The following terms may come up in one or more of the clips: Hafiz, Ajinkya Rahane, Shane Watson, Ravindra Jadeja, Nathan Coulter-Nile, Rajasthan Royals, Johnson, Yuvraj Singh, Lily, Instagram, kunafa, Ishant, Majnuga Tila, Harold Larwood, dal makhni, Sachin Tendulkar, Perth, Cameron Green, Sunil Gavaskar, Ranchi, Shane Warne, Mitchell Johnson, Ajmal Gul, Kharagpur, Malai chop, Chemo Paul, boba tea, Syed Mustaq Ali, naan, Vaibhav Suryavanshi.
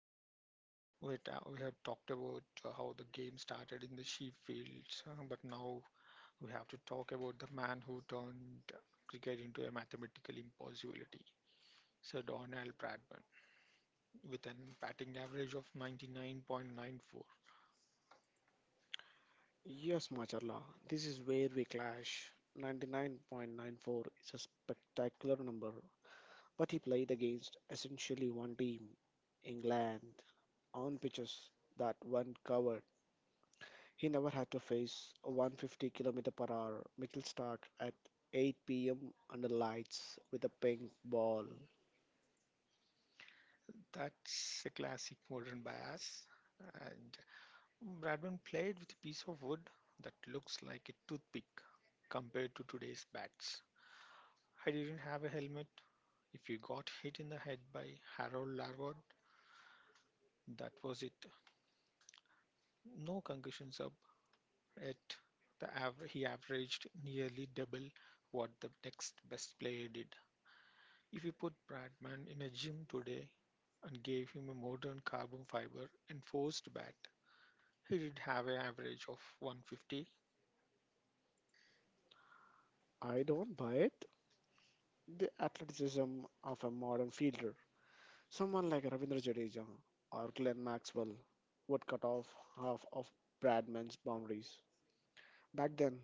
earlier. We have talked about how the game started in the sheep fields, but now we have to talk about the man who turned cricket into a mathematical impossibility, Sir Donald Bradman, with an batting average of 99.94. Yes, Macharla, this is where we clash. 99.94 is a spectacular number, but he played against essentially one team, England, on pitches that weren't covered. He never had to face a 150 km per hour Mitchell Stark at 8 p.m. under lights with a pink ball. That's a classic modern bias. And Bradman played with a piece of wood that looks like a toothpick compared to today's bats. I didn't have a helmet. If you got hit in the head by Harold Larwood, that was it. No concussion sub, yet he averaged nearly double what the next best player did. If you put Bradman in a gym today and gave him a modern carbon fiber enforced bat, he did have an average of 150. I don't buy it. The athleticism of a modern fielder. Someone like Ravindra Jadeja or Glenn Maxwell would cut off half of Bradman's boundaries. Back then,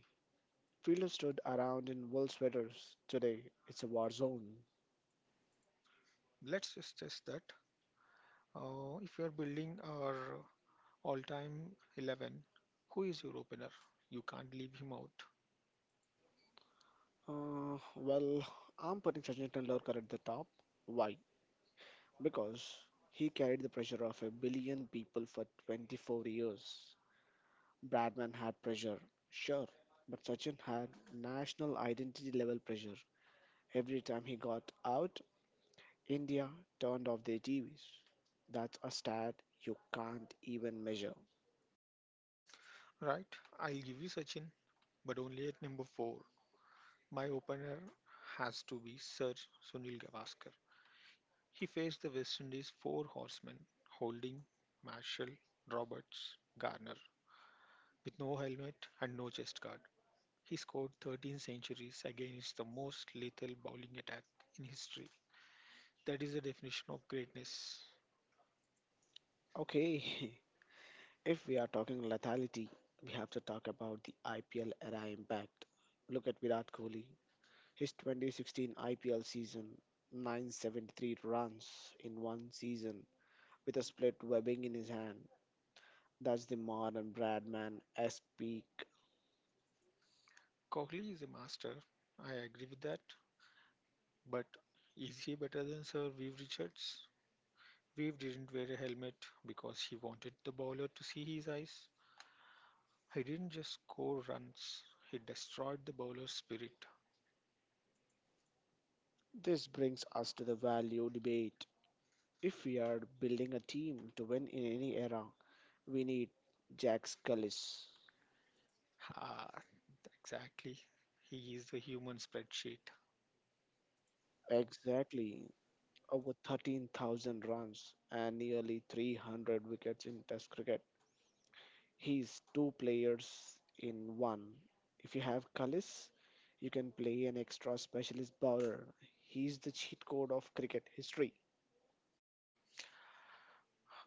fielders stood around in wool sweaters. Today, it's a war zone. Let's just test that. If you are building our all-time 11, who is your opener? You can't leave him out, Well, I'm putting Sachin Tendulkar at the top. Why? Because he carried the pressure of a billion people for 24 years. Bradman had pressure, sure, but Sachin had national identity level pressure. Every time he got out, India turned off their TVs. That's a stat you can't even measure. right? I'll give you Sachin, but only at number four. My opener has to be Sir Sunil Gavaskar. He faced the West Indies' four horsemen Holding, Marshall, Roberts, Garner with no helmet and no chest guard. He scored 13 centuries against the most lethal bowling attack in history. That is the definition of greatness. Okay, if we are talking lethality, we have to talk about the IPL era impact. Look at Virat Kohli. His 2016 IPL season, 973 runs in one season with a split webbing in his hand. That's the modern Bradman esque peak. Kohli is a master. I agree with that. But is he better than Sir Viv Richards? Viv didn't wear a helmet because he wanted the bowler to see his eyes. He didn't just score runs, he destroyed the bowler's spirit. This brings us to the value debate. If we are building a team to win in any era, we need Jack Scullis. Ah, exactly. He is the human spreadsheet. Exactly, over 13,000 runs and nearly 300 wickets in Test cricket. He's two players in one. If you have Cullis, you can play an extra specialist bowler. He's the cheat code of cricket history.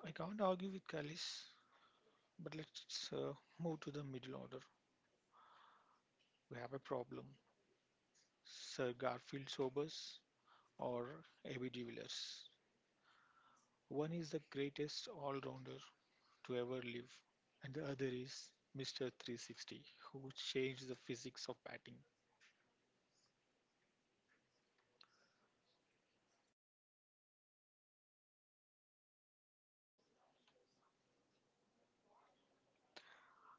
I can't argue with Callis, but let's move to the middle order. We have a problem. Sir Garfield Sobers or A.B. de Villiers. One is the greatest all-rounder to ever live, and the other is Mr. 360, who changed the physics of batting.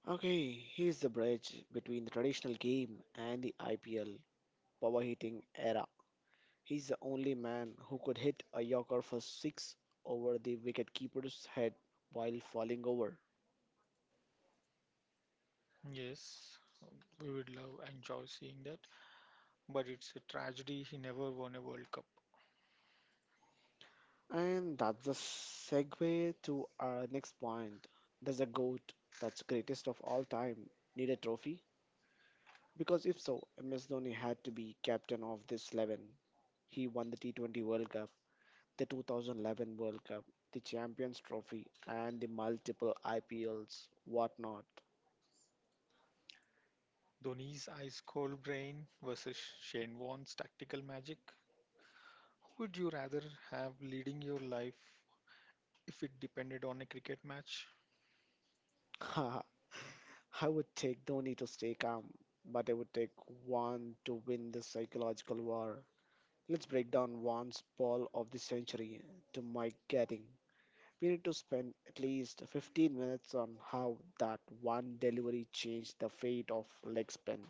Okay, he's the bridge between the traditional game and the IPL power hitting era. He's the only man who could hit a yorker for six over the wicketkeeper's head while falling over. Yes, we would love and enjoy seeing that, but it's a tragedy he never won a World Cup. And that's the segue to our next point. Does a GOAT, that's greatest of all time, need a trophy? Because if so, MS Dhoni had to be captain of this 11. He won the T20 World Cup, the 2011 World Cup, the Champions Trophy, and the multiple IPLs, whatnot. Dhoni's ice cold brain versus Shane Warne's tactical magic? Who would you rather have leading your life if it depended on a cricket match? I would take Dhoni to stay calm, but I would take one to win the psychological war. Let's break down one's ball of the century to Mike Gatting. We need to spend at least 15 minutes on how that one delivery changed the fate of leg spin.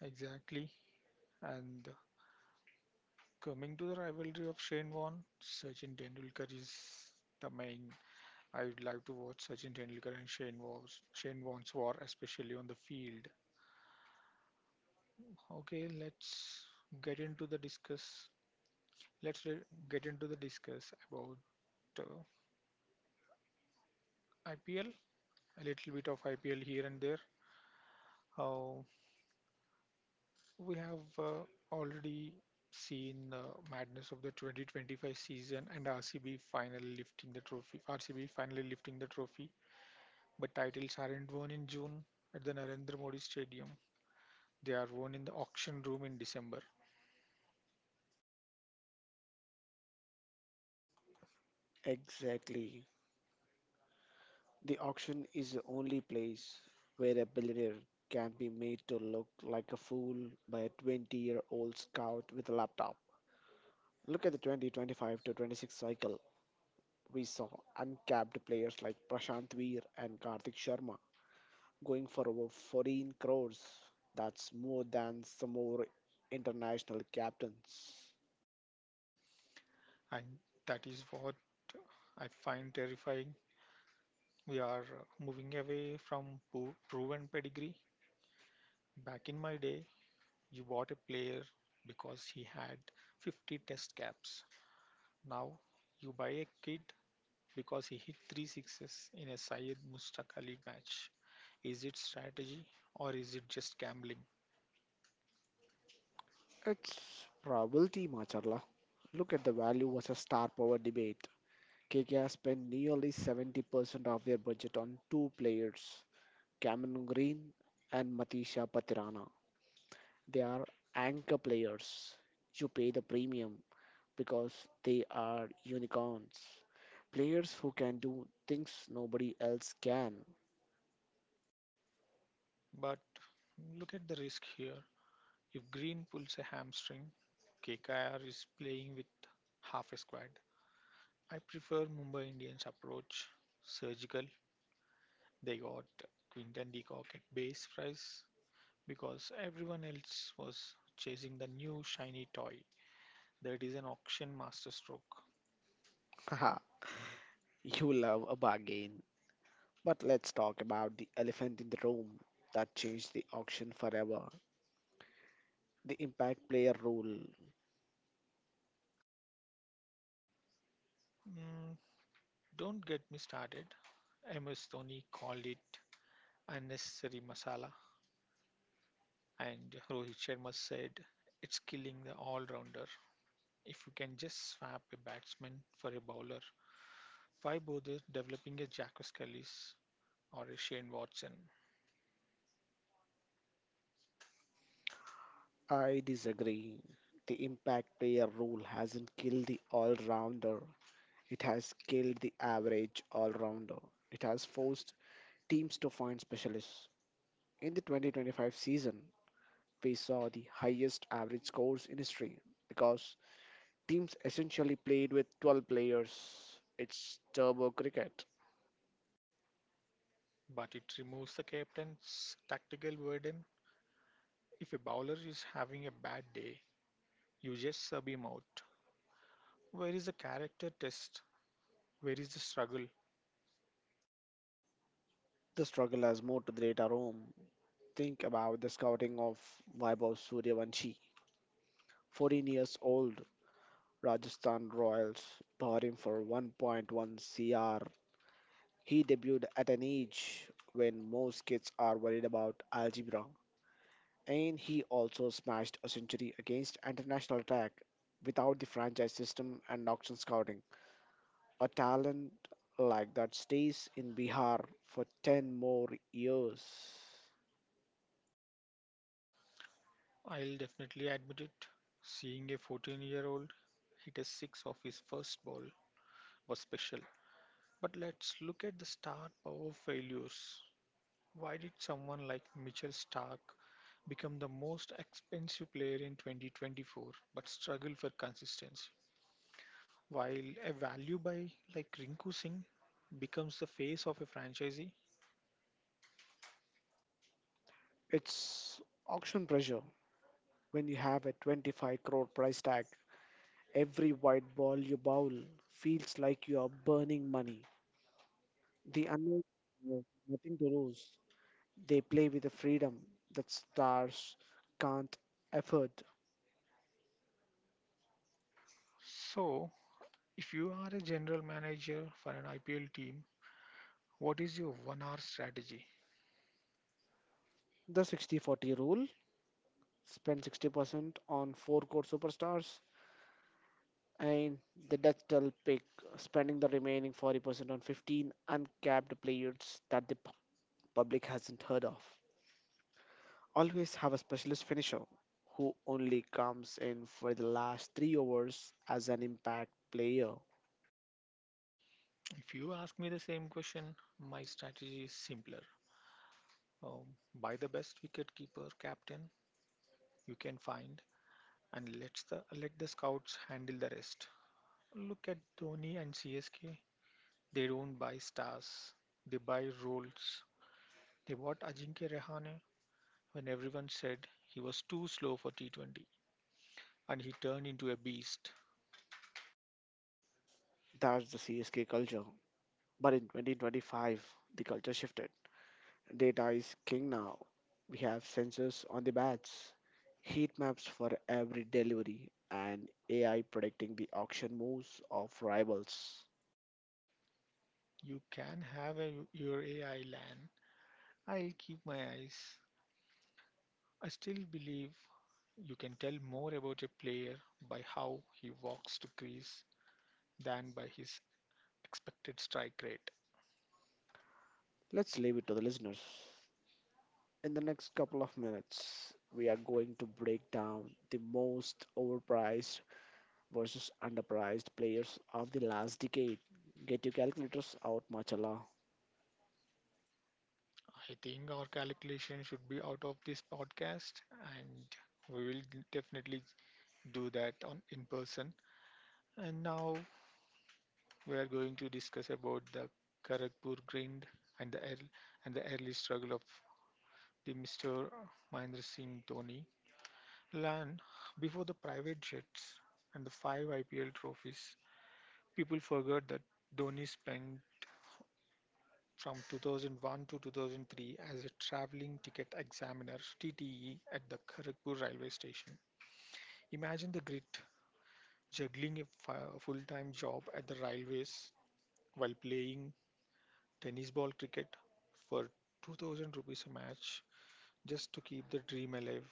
Exactly. And coming to the rivalry of Shane Warne, Sachin Tendulkar is the main. I would like to watch Sachin Tendulkar and Shane Warne's war, especially on the field. Okay, let's get into the discuss. Let's re- get into the discuss about uh, IPL. A little bit of IPL here and there. Uh, we have already seen madness of the 2025 season and RCB finally lifting the trophy. But titles aren't won in June at the Narendra Modi Stadium. They are won in the auction room in December, Exactly. The auction is the only place where a billionaire can be made to look like a fool by a 20-year-old scout with a laptop. Look at the 2025 to 26 cycle. We saw uncapped players like Prashant Veer and Karthik Sharma going for over 14 crores. That's more than some more international captains. and that is what I find terrifying. We are moving away from proven pedigree. Back in my day, you bought a player because he had 50 test caps. Now you buy a kid because he hit three sixes in a Syed Mustaq Ali match. Is it strategy or is it just gambling? It's probability, Macharla. Look at the value versus star power debate. KKR spent nearly 70% of their budget on two players, Cameron Green and Matisha Patirana. They are anchor players. You pay the premium because they are unicorns. Players who can do things nobody else can. But look at the risk here. If Green pulls a hamstring, KKR is playing with half a squad. I prefer Mumbai Indians approach. Surgical. They got Quinton de Kock at base price because everyone else was chasing the new shiny toy that is an auction masterstroke. Haha, you love a bargain. But let's talk about the elephant in the room that changed the auction forever, the impact player rule. Hmm. Don't get me started. MS Dhoni called it unnecessary masala, and Rohit Sharma said it's killing the all rounder. If you can just swap a batsman for a bowler, why bother developing a Jack Kallis or a Shane Watson? I disagree. The impact player rule hasn't killed the all rounder, it has killed the average all rounder. It has forced teams to find specialists. In the 2025 season, we saw the highest average scores in history because teams essentially played with 12 players. It's turbo cricket. But it removes the captain's tactical burden. If a bowler is having a bad day, you just sub him out. Where is the character test? Where is the struggle? The struggle has moved to the data room. Think about the scouting of Vaibhav Suryavanshi, 14 years old, Rajasthan Royals, bought him for 1.1 CR. He debuted at an age when most kids are worried about algebra, and he also smashed a century against international attack. Without the franchise system and auction scouting, a talent like that stays in Bihar for 10 more years. I'll definitely admit it. Seeing a 14-year-old hit a six off his first ball was special. But let's look at the star power failures. Why did someone like Mitchell Stark become the most expensive player in 2024 but struggle for consistency, while a value buy like Rinku Singh becomes the face of a franchisee? It's auction pressure. When you have a 25 crore price tag, every white ball you bowl feels like you are burning money. The unknown have nothing to lose. They play with a freedom that stars can't afford. So, if you are a general manager for an IPL team, what is your 1 hour strategy? The 60-40 rule, spend 60% on four core superstars, and the Dutch will pick, spending the remaining 40% on 15 uncapped players that the public hasn't heard of. Always have a specialist finisher who only comes in for the last three overs as an impact player. If you ask me the same question, my strategy is simpler. Um, Buy the best wicketkeeper captain you can find, and let the scouts handle the rest. Look at Dhoni and CSK. They don't buy stars, they buy roles. They bought Ajinkya Rahane when everyone said he was too slow for T20, and he turned into a beast. That's the CSK culture. But in 2025, the culture shifted. Data is king now. We have sensors on the bats, heat maps for every delivery, and AI predicting the auction moves of rivals. You can have your AI, Lan. I'll keep my eyes. I still believe you can tell more about a player by how he walks to crease than by his expected strike rate. Let's leave it to the listeners. In the next couple of minutes, we are going to break down the most overpriced versus underpriced players of the last decade. Get your calculators out, Machala. I think our calculation should be out of this podcast, and we will definitely do that on in person. And now we are going to discuss about the Kharagpur grind and the ear- and the early struggle of the Mr. Mahendra Singh Dhoni. Lan, before the private jets and the five IPL trophies, people forgot that Dhoni spent from 2001 to 2003 as a traveling ticket examiner TTE at the Kharagpur railway station. Imagine the grit juggling a full-time job at the railways while playing tennis ball cricket for 2000 rupees a match just to keep the dream alive.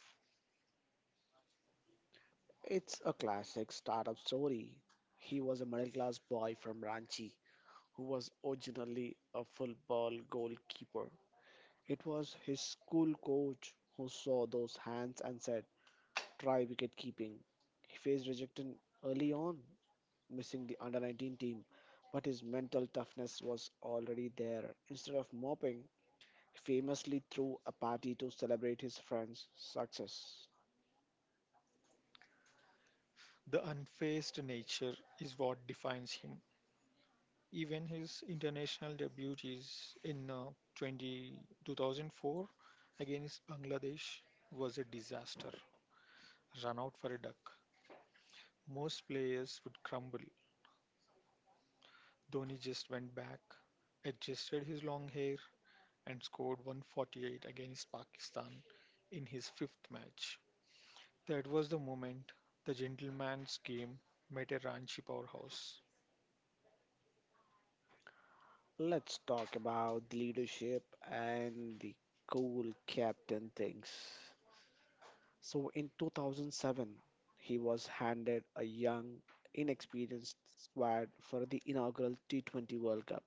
It's a classic startup story. He was a middle class boy from Ranchi who was originally a football goalkeeper. It was his school coach who saw those hands and said, try wicket keeping. He faced rejection early on, missing the under 19 team, but his mental toughness was already there. Instead of moping, he famously threw a party to celebrate his friend's success. The unfazed nature is what defines him. Even his international debut is in 2004 against Bangladesh was a disaster. Run out for a duck. Most players would crumble. Dhoni just went back, adjusted his long hair, and scored 148 against Pakistan in his fifth match. That was the moment the gentleman's game met a Ranchi powerhouse. Let's talk about the leadership and the cool captain things. So in 2007, he was handed a young, inexperienced squad for the inaugural T20 World Cup,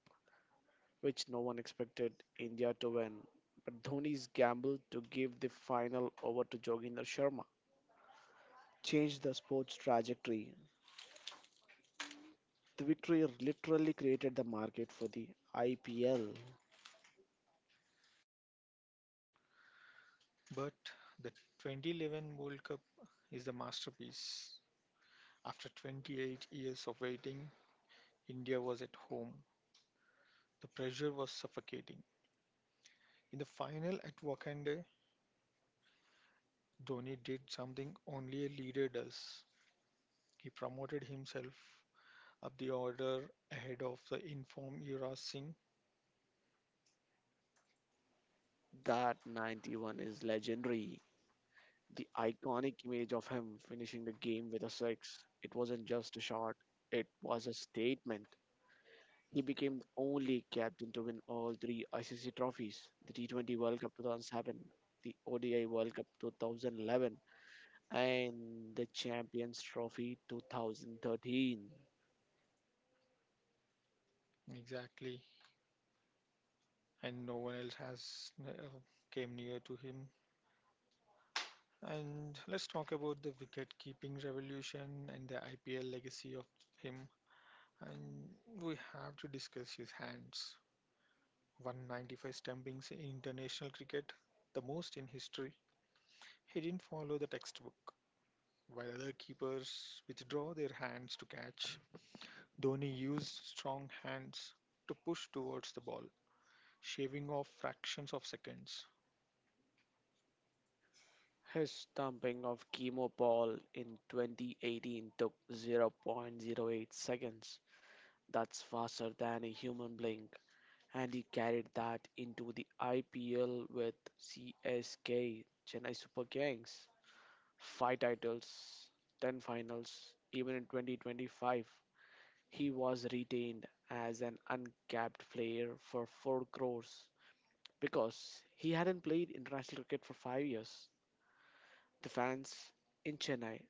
which no one expected India to win. But Dhoni's gamble to give the final over to Joginder Sharma changed the sport's trajectory. The victory literally created the market for the IPL. But the 2011 World Cup is the masterpiece. After 28 years of waiting, India was at home. The pressure was suffocating. In the final at Wakanda, Dhoni did something only a leader does. He promoted himself up the order ahead of the informed Yuvraj Singh. That 91 is legendary. The iconic image of him finishing the game with a six, it wasn't just a shot, it was a statement. He became the only captain to win all three ICC trophies, the T20 World Cup 2007, the ODI World Cup 2011, and the Champions Trophy 2013. Exactly. And no one else has came near to him. And let's talk about the wicket keeping revolution and the IPL legacy of him. And we have to discuss his hands. 195 stumpings in international cricket, the most in history. He didn't follow the textbook. While other keepers withdraw their hands to catch, Dhoni used strong hands to push towards the ball, shaving off fractions of seconds. His stomping of Chemo Paul in 2018 took 0.0 0.08 seconds. That's faster than a human blink. And he carried that into the IPL with CSK, Chennai Super Kings. Five titles, 10 finals. Even in 2025, he was retained as an uncapped player for 4 crores because he hadn't played international cricket for 5 years. The fans in Chennai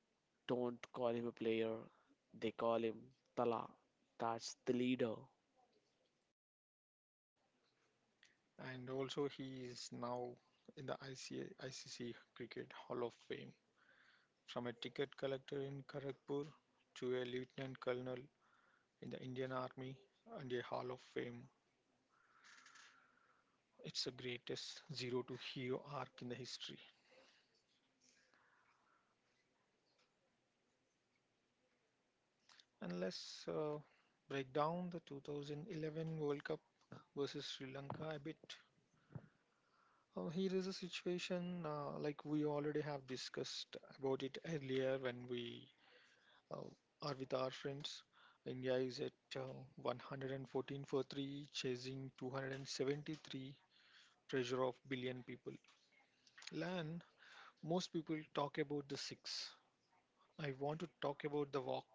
don't call him a player, they call him Tala. That's the leader. And also, he is now in the ICC Cricket Hall of Fame. From a ticket collector in Kharagpur to a lieutenant colonel in the Indian Army and a Hall of Fame, it's the greatest zero to hero arc in the history. And let's break down the 2011 World Cup versus Sri Lanka a bit. Here is a situation like we already have discussed about it earlier when we uh, are with our friends. India is at uh, 114 for 3, chasing 273 treasure of billion people. Lan, most people talk about the six. I want to talk about the walk.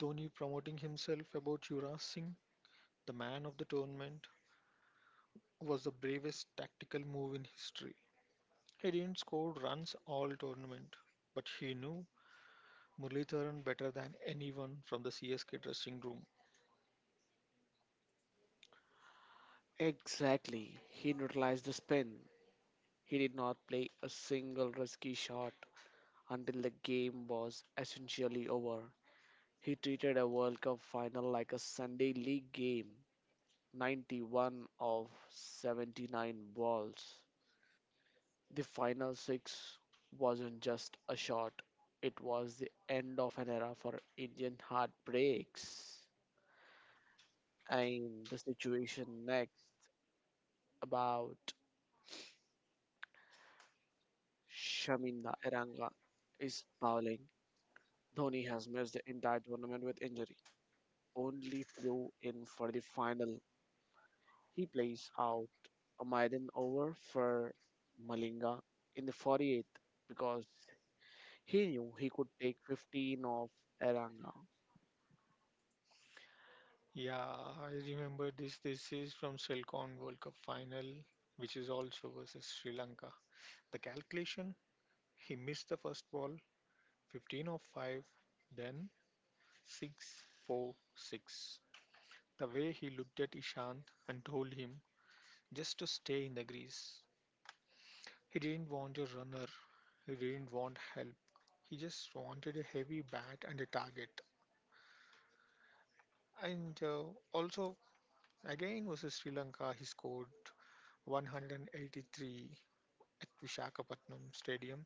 Dhoni promoting himself about Yuvraj Singh, the man of the tournament, was the bravest tactical move in history. He didn't score runs all tournament, but he knew Muralitharan better than anyone from the CSK dressing room. Exactly. He neutralized the spin. He did not play a single risky shot until the game was essentially over. He treated a World Cup final like a Sunday league game, 91 of 79 balls. The final six wasn't just a shot, it was the end of an era for Indian heartbreaks. And the situation next, about Shaminda Iranga is bowling. Dhoni has missed the entire tournament with injury. Only flew in for the final. He plays out a maiden over for Malinga in the 48th because he knew he could take 15 off Eranga. Yeah, I remember this. This is from Selcon World Cup final, which is also versus Sri Lanka. The calculation, he missed the first ball, 15 of 5, then 6, 4, 6. The way he looked at Ishant and told him, just to stay in the grease. He didn't want a runner, he didn't want help. He just wanted a heavy bat and a target. And also, again versus Sri Lanka, he scored 183 at Vishakhapatnam Stadium.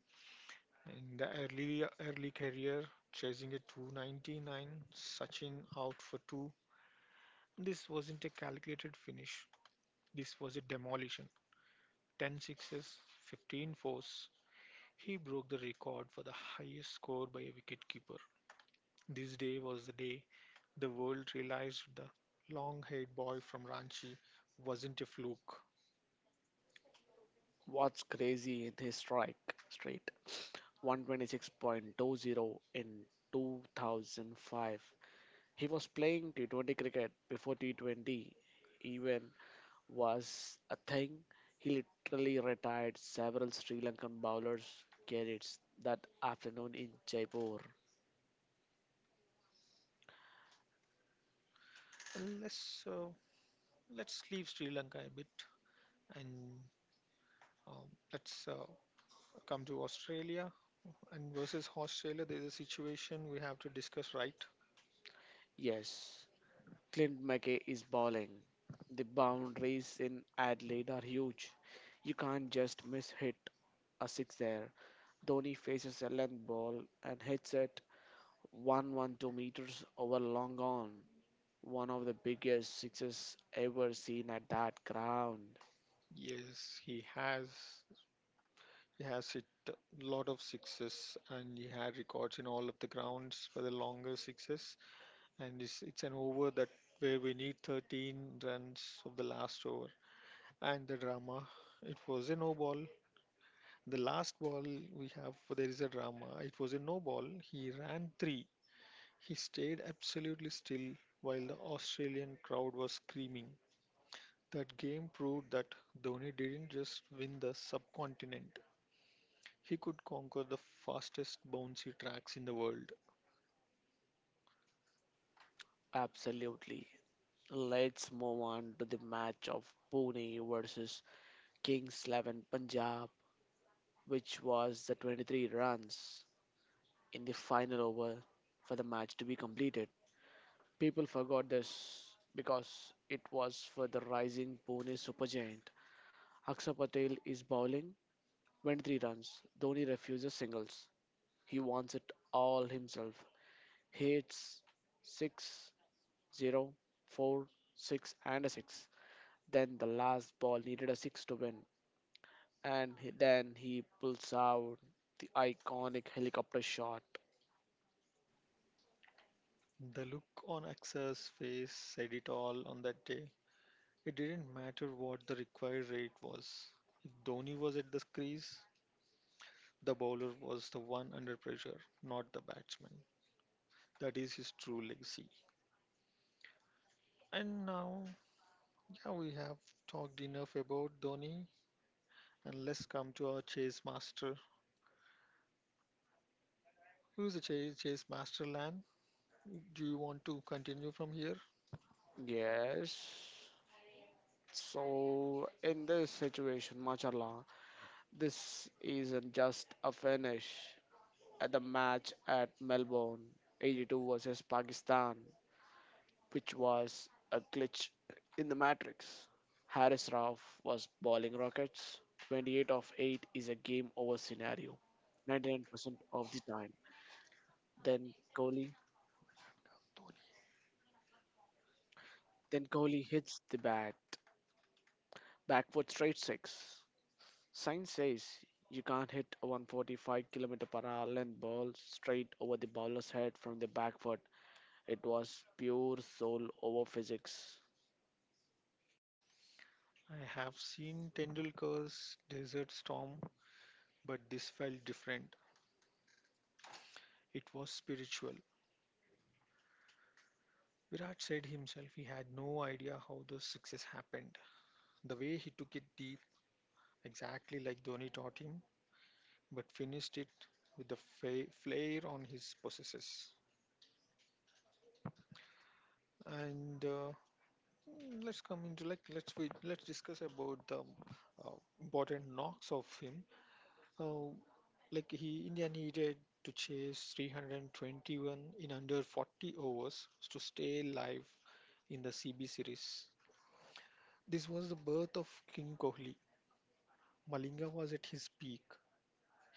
In the early career, chasing a 299, Sachin out for 2. This wasn't a calculated finish. This was a demolition. 10 sixes, 15 fours. He broke the record for the highest score by a wicketkeeper. This day was the day the world realized the long haired boy from Ranchi wasn't a fluke. What's crazy in his strike straight, 126.20 in 2005. He was playing T20 cricket before T20 even was a thing. He literally retired several Sri Lankan bowlers' credits that afternoon in Jaipur. And let's leave Sri Lanka a bit and let's come to Australia. And versus Australia, there's a situation we have to discuss, right? Yes, Clint McKay is balling. The boundaries in Adelaide are huge. You can't just miss hit a six there. Dhoni faces a length ball and hits it 112 meters over long on. One of the biggest sixes ever seen at that ground. Yes, he has. He has hit a lot of sixes and he had records in all of the grounds for the longer sixes. And it's an over that where we need 13 runs of the last over. And the drama, it was a no ball. The last ball, we have, there is a drama. It was a no ball. He ran 3. He stayed absolutely still while the Australian crowd was screaming. That game proved that Dhoni didn't just win the subcontinent, he could conquer the fastest bouncy tracks in the world. Absolutely. Let's move on to the match of Pune versus Kings 11 Punjab, which was the 23 runs in the final over for the match to be completed. People forgot this because it was for the rising Pune supergiant. Akshar Patel is bowling, 23 runs. Dhoni refuses singles. He wants it all himself. He hits 6, 0, 4, 6 and a 6. Then the last ball needed a 6 to win. And then he pulls out the iconic helicopter shot. The look on Aksa's face said it all on that day. It didn't matter what the required rate was. If Dhoni was at the crease, the bowler was the one under pressure, not the batsman. That is his true legacy. And now, yeah, we have talked enough about Dhoni, and let's come to our chase master. Who is the chase master, Lan? Do you want to continue from here? Yes. So, in this situation, mashallah, this isn't just a finish at the match at Melbourne, 82 versus Pakistan, which was a glitch in the matrix. Harris Ralph was bowling rockets. 28 of 8 is a game over scenario, 99% of the time. Then Kohli, Dhoni. then Kohli hits the bat backward straight six. Science says you can't hit a 145 km per hour length ball straight over the bowler's head from the back foot. It was pure soul over physics. I have seen Tendulkar's Desert Storm, but this felt different. It was spiritual. Virat said himself he had no idea how the success happened. The way he took it deep, exactly like Dhoni taught him, but finished it with the flair on his possesses. And uh, let's come into let's discuss about the uh, important knocks of him. Uh, like he India needed to chase 321 in under 40 overs to stay alive in the CB series. This was the birth of King Kohli. Malinga was at his peak.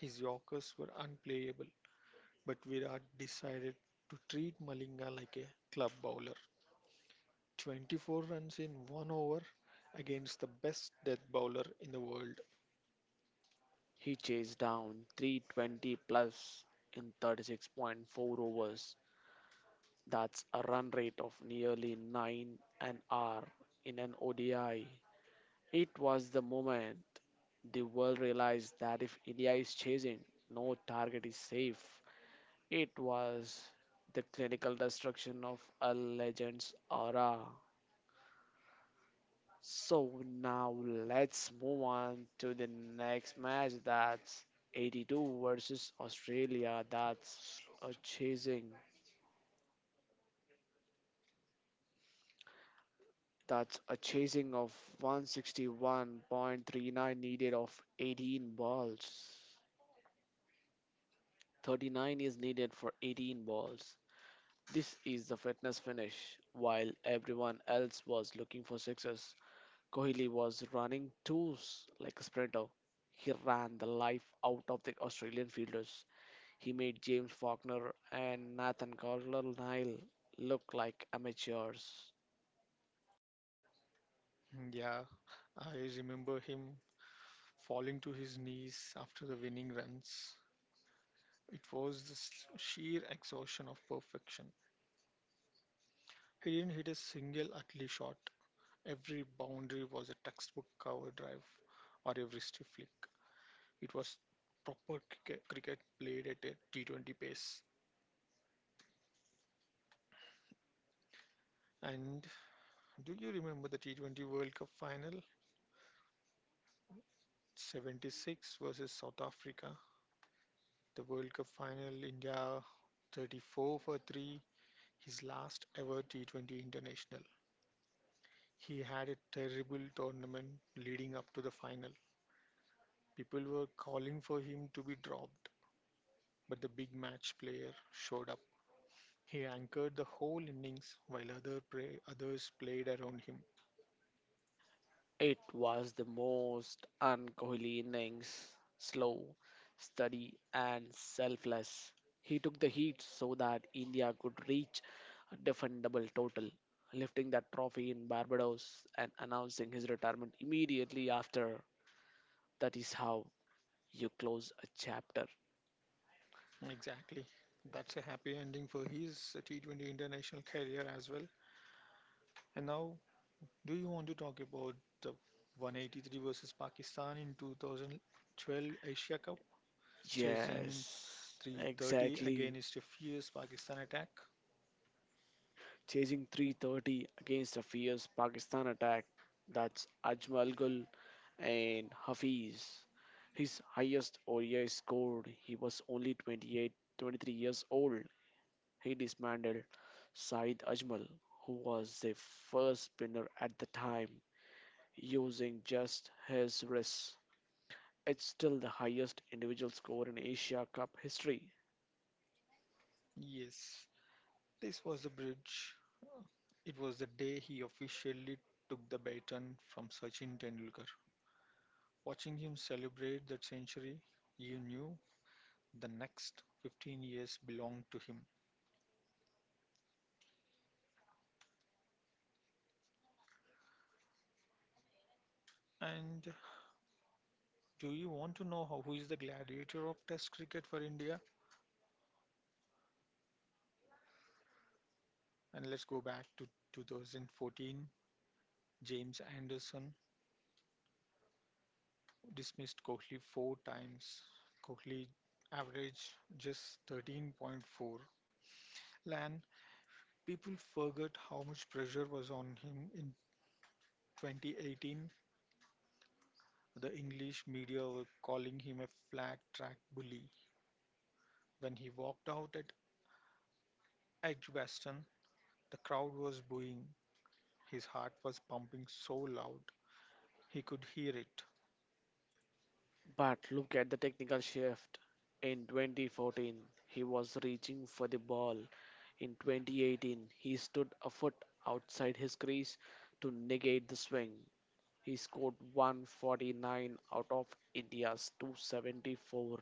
His Yorkers were unplayable, but Virat decided to treat Malinga like a club bowler. 24 runs in one over against the best death bowler in the world. He chased down 320 plus in 36.4 overs. That's a run rate of nearly 9 an hour in an ODI. It was the moment the world realized that if India is chasing, no target is safe. It was the clinical destruction of a legend's aura. So now let's move on to the next match. That's 82 versus Australia. A chasing. That's a chasing of 161.39 needed of 18 balls. 39 is needed for 18 balls. This is the fitness finish. While everyone else was looking for sixes, Kohli was running like a sprinter. He ran the life out of the Australian fielders. He made James Faulkner and Nathan Coulter-Nile look like amateurs. Yeah, I remember him falling to his knees after the winning runs. It was the sheer exhaustion of perfection. He didn't hit a single ugly shot. Every boundary was a textbook cover drive or every stiff flick. It was proper cricket, cricket played at a T20 pace. And do you remember the T20 World Cup final? 76 versus South Africa. The World Cup final, India 34 for 3, his last ever T20 international. He had a terrible tournament leading up to the final. People were calling for him to be dropped, but the big match player showed up. He anchored the whole innings while others played around him. It was the most un Kohli innings, slow, steady, and selfless. He took the heat so that India could reach a defendable total, lifting that trophy in Barbados and announcing his retirement immediately after. That is how you close a chapter. Exactly. That's a happy ending for his T20 international career as well. And now, do you want to talk about the 183 versus Pakistan in 2012 Asia Cup, chasing Yes, 330 exactly. against a fierce Pakistan attack? Chasing 330 against a fierce Pakistan attack. That's Ajmal Gul and Hafiz. His highest ODI score, he was only 28, 23 years old. He dismantled Saeed Ajmal, who was the first spinner at the time, using just his wrists. It's still the highest individual score in Asia Cup history. Yes, this was the bridge. It was the day he officially took the baton from Sachin Tendulkar. Watching him celebrate that century, you knew the next 15 years belonged to him. And do you want to know how, who is the gladiator of Test cricket for India? And let's go back to 2014. James Anderson dismissed Kohli four times. Kohli averaged just 13.4. Lan, people forget how much pressure was on him in 2018. The English media were calling him a flat track bully. When he walked out at Edgbaston, the crowd was booing. His heart was pumping so loud he could hear it. But look at the technical shift. In 2014, he was reaching for the ball. In 2018, he stood a foot outside his crease to negate the swing. He scored 149 out of India's 274.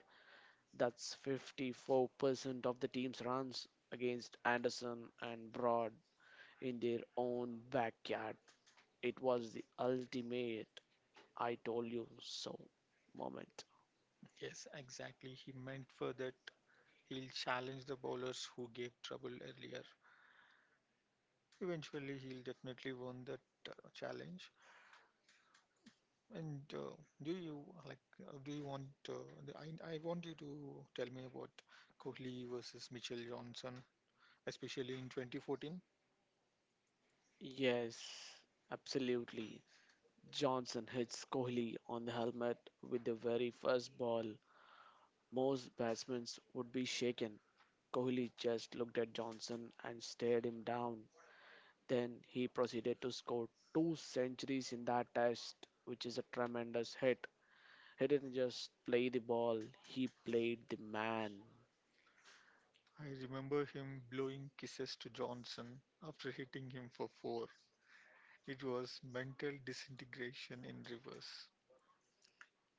That's 54% of the team's runs against Anderson and Broad in their own backyard. It was the ultimate I told you so moment. Yes, exactly. He meant for that he'll challenge the bowlers who gave trouble earlier. Eventually, he'll definitely won that challenge. And do you like? Do you want? The- I want you to tell me about Kohli versus Mitchell Johnson, especially in 2014. Yes, absolutely. Johnson hits Kohli on the helmet with the very first ball. Most batsmen would be shaken. Kohli just looked at Johnson and stared him down. Then he proceeded to score two centuries in that test, which is a tremendous hit. He didn't just play the ball, he played the man. I remember him blowing kisses to Johnson after hitting him for four. It was mental disintegration in reverse.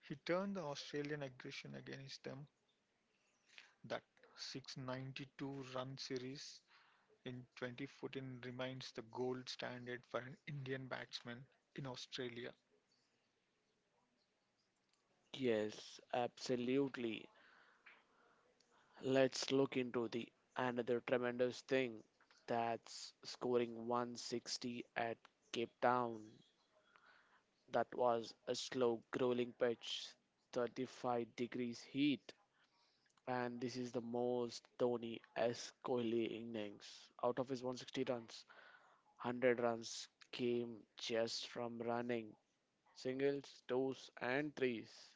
He turned the Australian aggression against them. That 692 run series in 2014 remains the gold standard for an Indian batsman in Australia. Yes, absolutely. Let's look into the another tremendous thing, that's scoring 160 at Cape Town. That was a slow grueling pitch, 35 degrees heat, and this is the most Dhoni S Kohli innings. Out of his 160 runs, 100 runs came just from running singles, twos, and threes.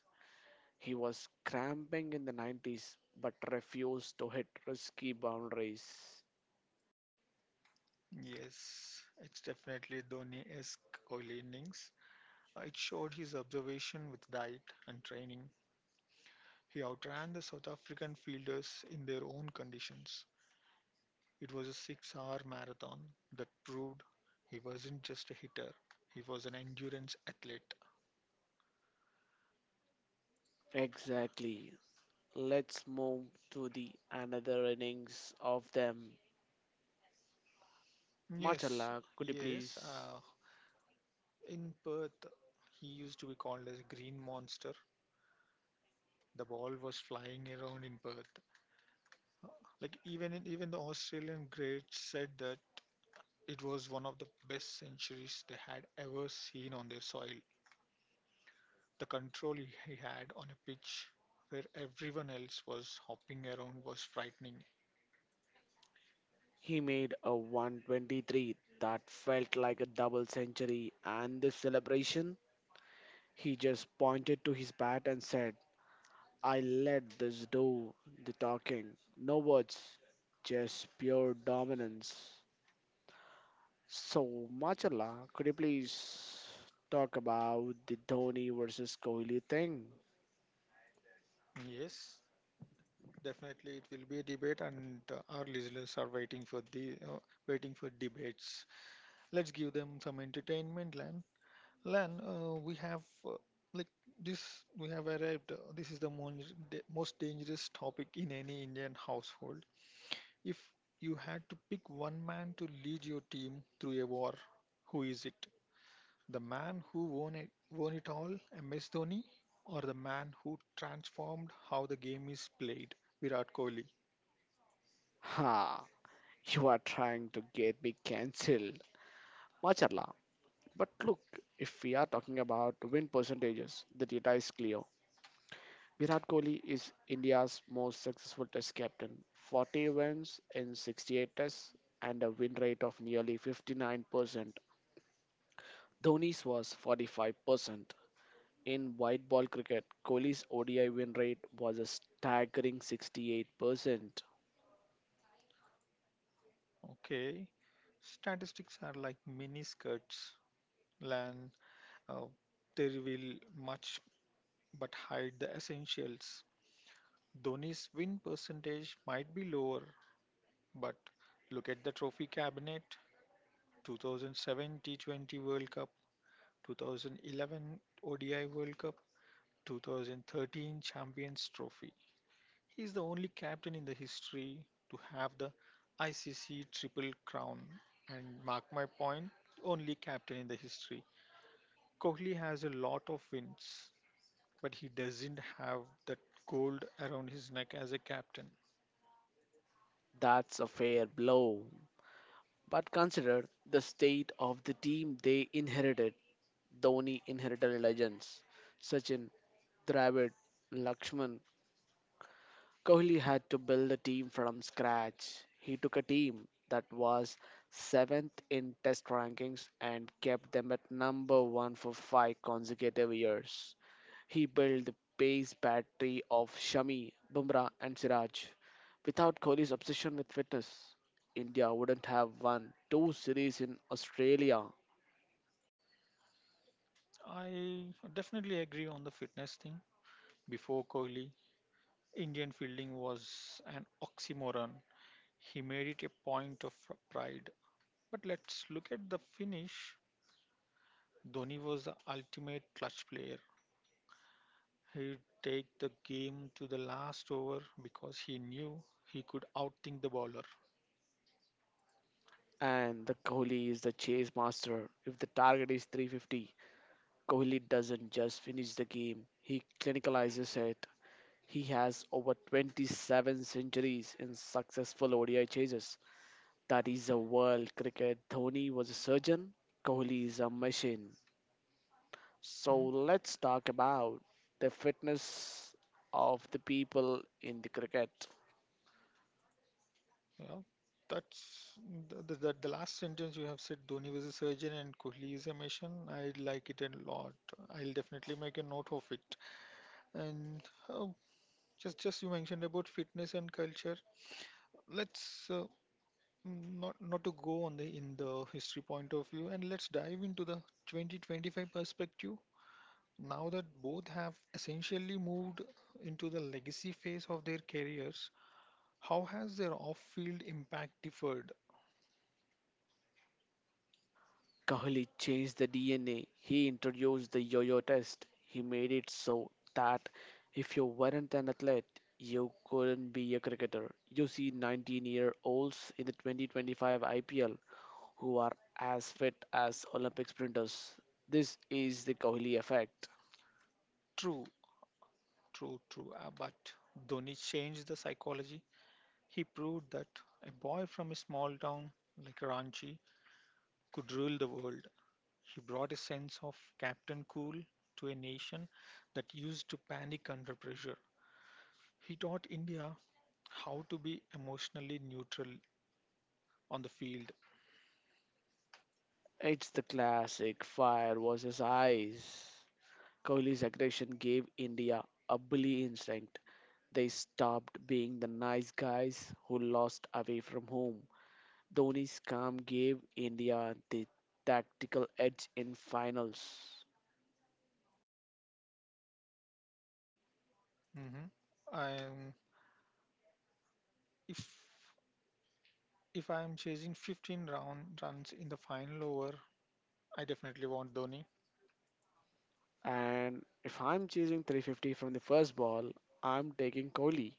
He was cramping in the 90s but refused to hit risky boundaries. Yes, it's definitely Dhoni-esque Kohli innings. It showed his observation with diet and training. He outran the South African fielders in their own conditions. It was a six-hour marathon that proved he wasn't just a hitter, he was an endurance athlete. Exactly. Let's move to the another innings of them. Yes, Machala, could you yes. please? In Perth, he used to be called as Green Monster. The ball was flying around in Perth. Like even the Australian greats said that it was one of the best centuries they had ever seen on their soil. The control he had on a pitch where everyone else was hopping around was frightening. He made a 123 that felt like a double century, and the celebration, he just pointed to his bat and said, I let this do the talking. No words, just pure dominance. So, Machala, could you please talk about the Dhoni versus Kohli thing? Yes, definitely it will be a debate, and our listeners are waiting for the waiting for debates. Let's give them some entertainment, Lan. We have uh, like this we have arrived. This is the most dangerous topic in any Indian household. If you had to pick one man to lead your team through a war, who is it? The man who won it all, MS Dhoni, or the man who transformed how the game is played, Virat Kohli? Ha! You are trying to get me cancelled, Macharla. But look, if we are talking about win percentages, the data is clear. Virat Kohli is India's most successful test captain. 40 wins in 68 tests and a win rate of nearly 59%. Dhoni's was 45%. In white ball cricket, Kohli's ODI win rate was a staggering 68%. Okay, statistics are like mini skirts, LAN. Uh, they reveal much but hide the essentials. Dhoni's win percentage might be lower, but look at the trophy cabinet: 2007 T20 World Cup, 2011 ODI World Cup, 2013 Champions Trophy. He is the only captain in the history to have the ICC Triple Crown, and mark my point, only captain in the history. Kohli has a lot of wins, but he doesn't have that gold around his neck as a captain. That's a fair blow. But consider the state of the team they inherited. Dhoni inherited legends. Sachin, Dravid, Lakshman. Kohli had to build a team from scratch. He took a team that was seventh in test rankings and kept them at number one for five consecutive years. He built the pace battery of Shami, Bumrah and Siraj. Without Kohli's obsession with fitness, India wouldn't have won two series in Australia. I definitely agree on the fitness thing. Before Kohli, Indian fielding was an oxymoron. He made it a point of pride. But let's look at the finish. Dhoni was the ultimate clutch player. He'd take the game to the last over because he knew he could outthink the bowler. And the Kohli is the chase master. If the target is 350, Kohli doesn't just finish the game, he clinicalizes it. He has over 27 centuries in successful ODI chases. That is a world cricket. Dhoni was a surgeon, Kohli is a machine. So Hmm? let's talk about the fitness of the people in the cricket. Yeah, that's the last sentence you have said. Dhoni was a surgeon and Kohli is a mission. I like it a lot. I'll definitely make a note of it. And uh, just you mentioned about fitness and culture. Let's not to go on the in the history point of view, and let's dive into the 2025 perspective. Now that both have essentially moved into the legacy phase of their careers, how has their off-field impact differed? Kohli changed the DNA. He introduced the yo-yo test. He made it so that if you weren't an athlete, you couldn't be a cricketer. You see 19-year-olds in the 2025 IPL who are as fit as Olympic sprinters. This is the Kohli effect. True, True. But Dhoni changed the psychology. He proved that a boy from a small town like Ranchi could rule the world. He brought a sense of Captain Cool to a nation that used to panic under pressure. He taught India how to be emotionally neutral on the field. It's the classic fire versus ice. Kohli's aggression gave India a bully instinct. They stopped being the nice guys who lost away from home. Dhoni's calm gave India the tactical edge in finals. Hmm. Um, if if I am chasing 15 round runs in the final over, I definitely want Dhoni. And if I'm choosing 350 from the first ball, I'm taking Kohli.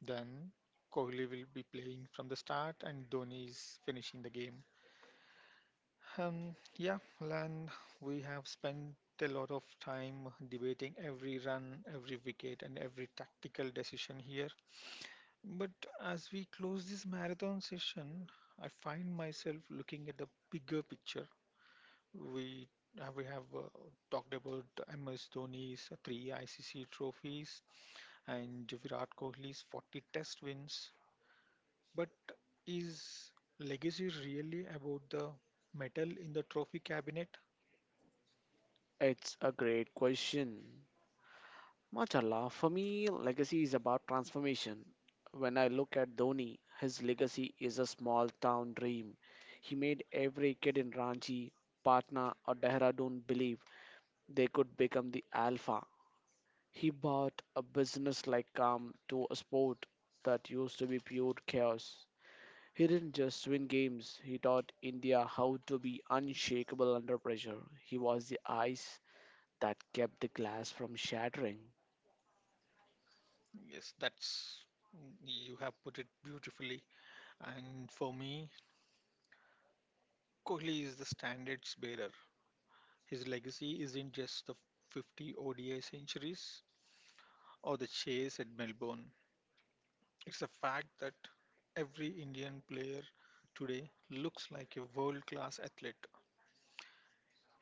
Then Kohli will be playing from the start and Dhoni is finishing the game. Yeah, Lan, we have spent a lot of time debating every run, every wicket, and every tactical decision here. But as we close this marathon session, I find myself looking at the bigger picture. We we have talked about MS Dhoni's three ICC trophies and Virat Kohli's 40 test wins. But is legacy really about the medal in the trophy cabinet? It's a great question. Mashallah, for me, legacy is about transformation. When I look at Dhoni, his legacy is a small town dream. He made every kid in Ranchi, Patna, or Dehradun believe they could become the alpha. He brought a business like calm to a sport that used to be pure chaos. He didn't just win games, he taught India how to be unshakable under pressure. He was the ice that kept the glass from shattering. Yes, that's you have put it beautifully. And for me, Kohli is the standards bearer. His legacy isn't just the 50 ODI centuries or the chase at Melbourne. It's the fact that every Indian player today looks like a world class athlete.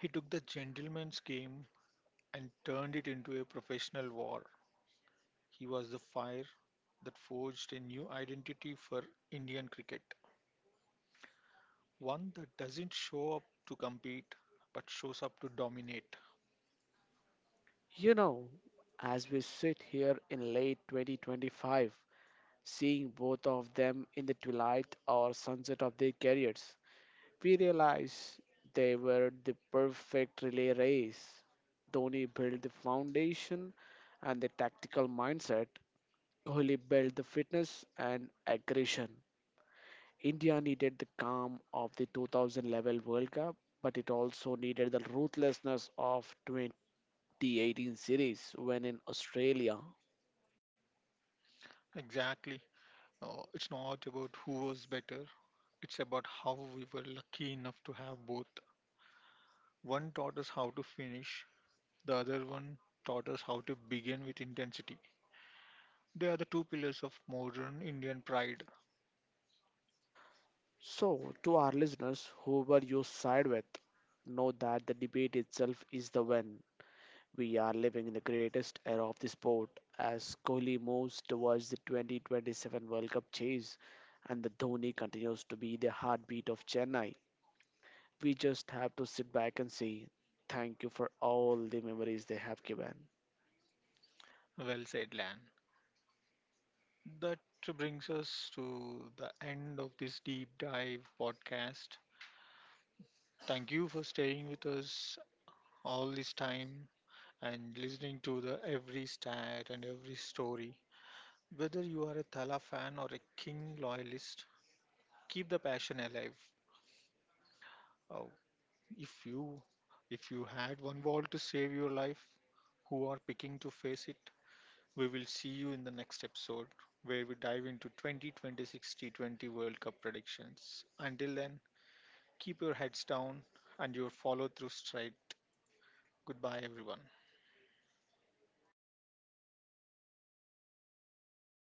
He took the gentleman's game and turned it into a professional war. He was the fire that forged a new identity for Indian cricket, one that doesn't show up to compete but shows up to dominate. You know, as we sit here in late 2025, seeing both of them in the twilight or sunset of their careers, we realize they were the perfect relay race. Dhoni built the foundation and the tactical mindset, Kohli built the fitness and aggression. India needed the calm of the 2000 level World Cup, but it also needed the ruthlessness of the 18 series when in Australia. Exactly. It's not about who was better, it's about how we were lucky enough to have both. One taught us how to finish, the other one taught us how to begin with intensity. They are the two pillars of modern Indian pride. So, to our listeners, whoever you side with, know that the debate itself is the win. We are living in the greatest era of the sport as Kohli moves towards the 2027 World Cup chase and the Dhoni continues to be the heartbeat of Chennai. We just have to sit back and say thank you for all the memories they have given. Well said, Lan. That brings us to the end of this deep dive podcast. Thank you for staying with us all this time and listening to the every stat and every story. Whether you are a Thala fan or a King loyalist, keep the passion alive. Oh, if you if you had one ball to save your life, who are picking to face it? We will see you in the next episode where we dive into 2026 T20 World Cup predictions. Until then, keep your heads down and your follow through straight. Goodbye, everyone.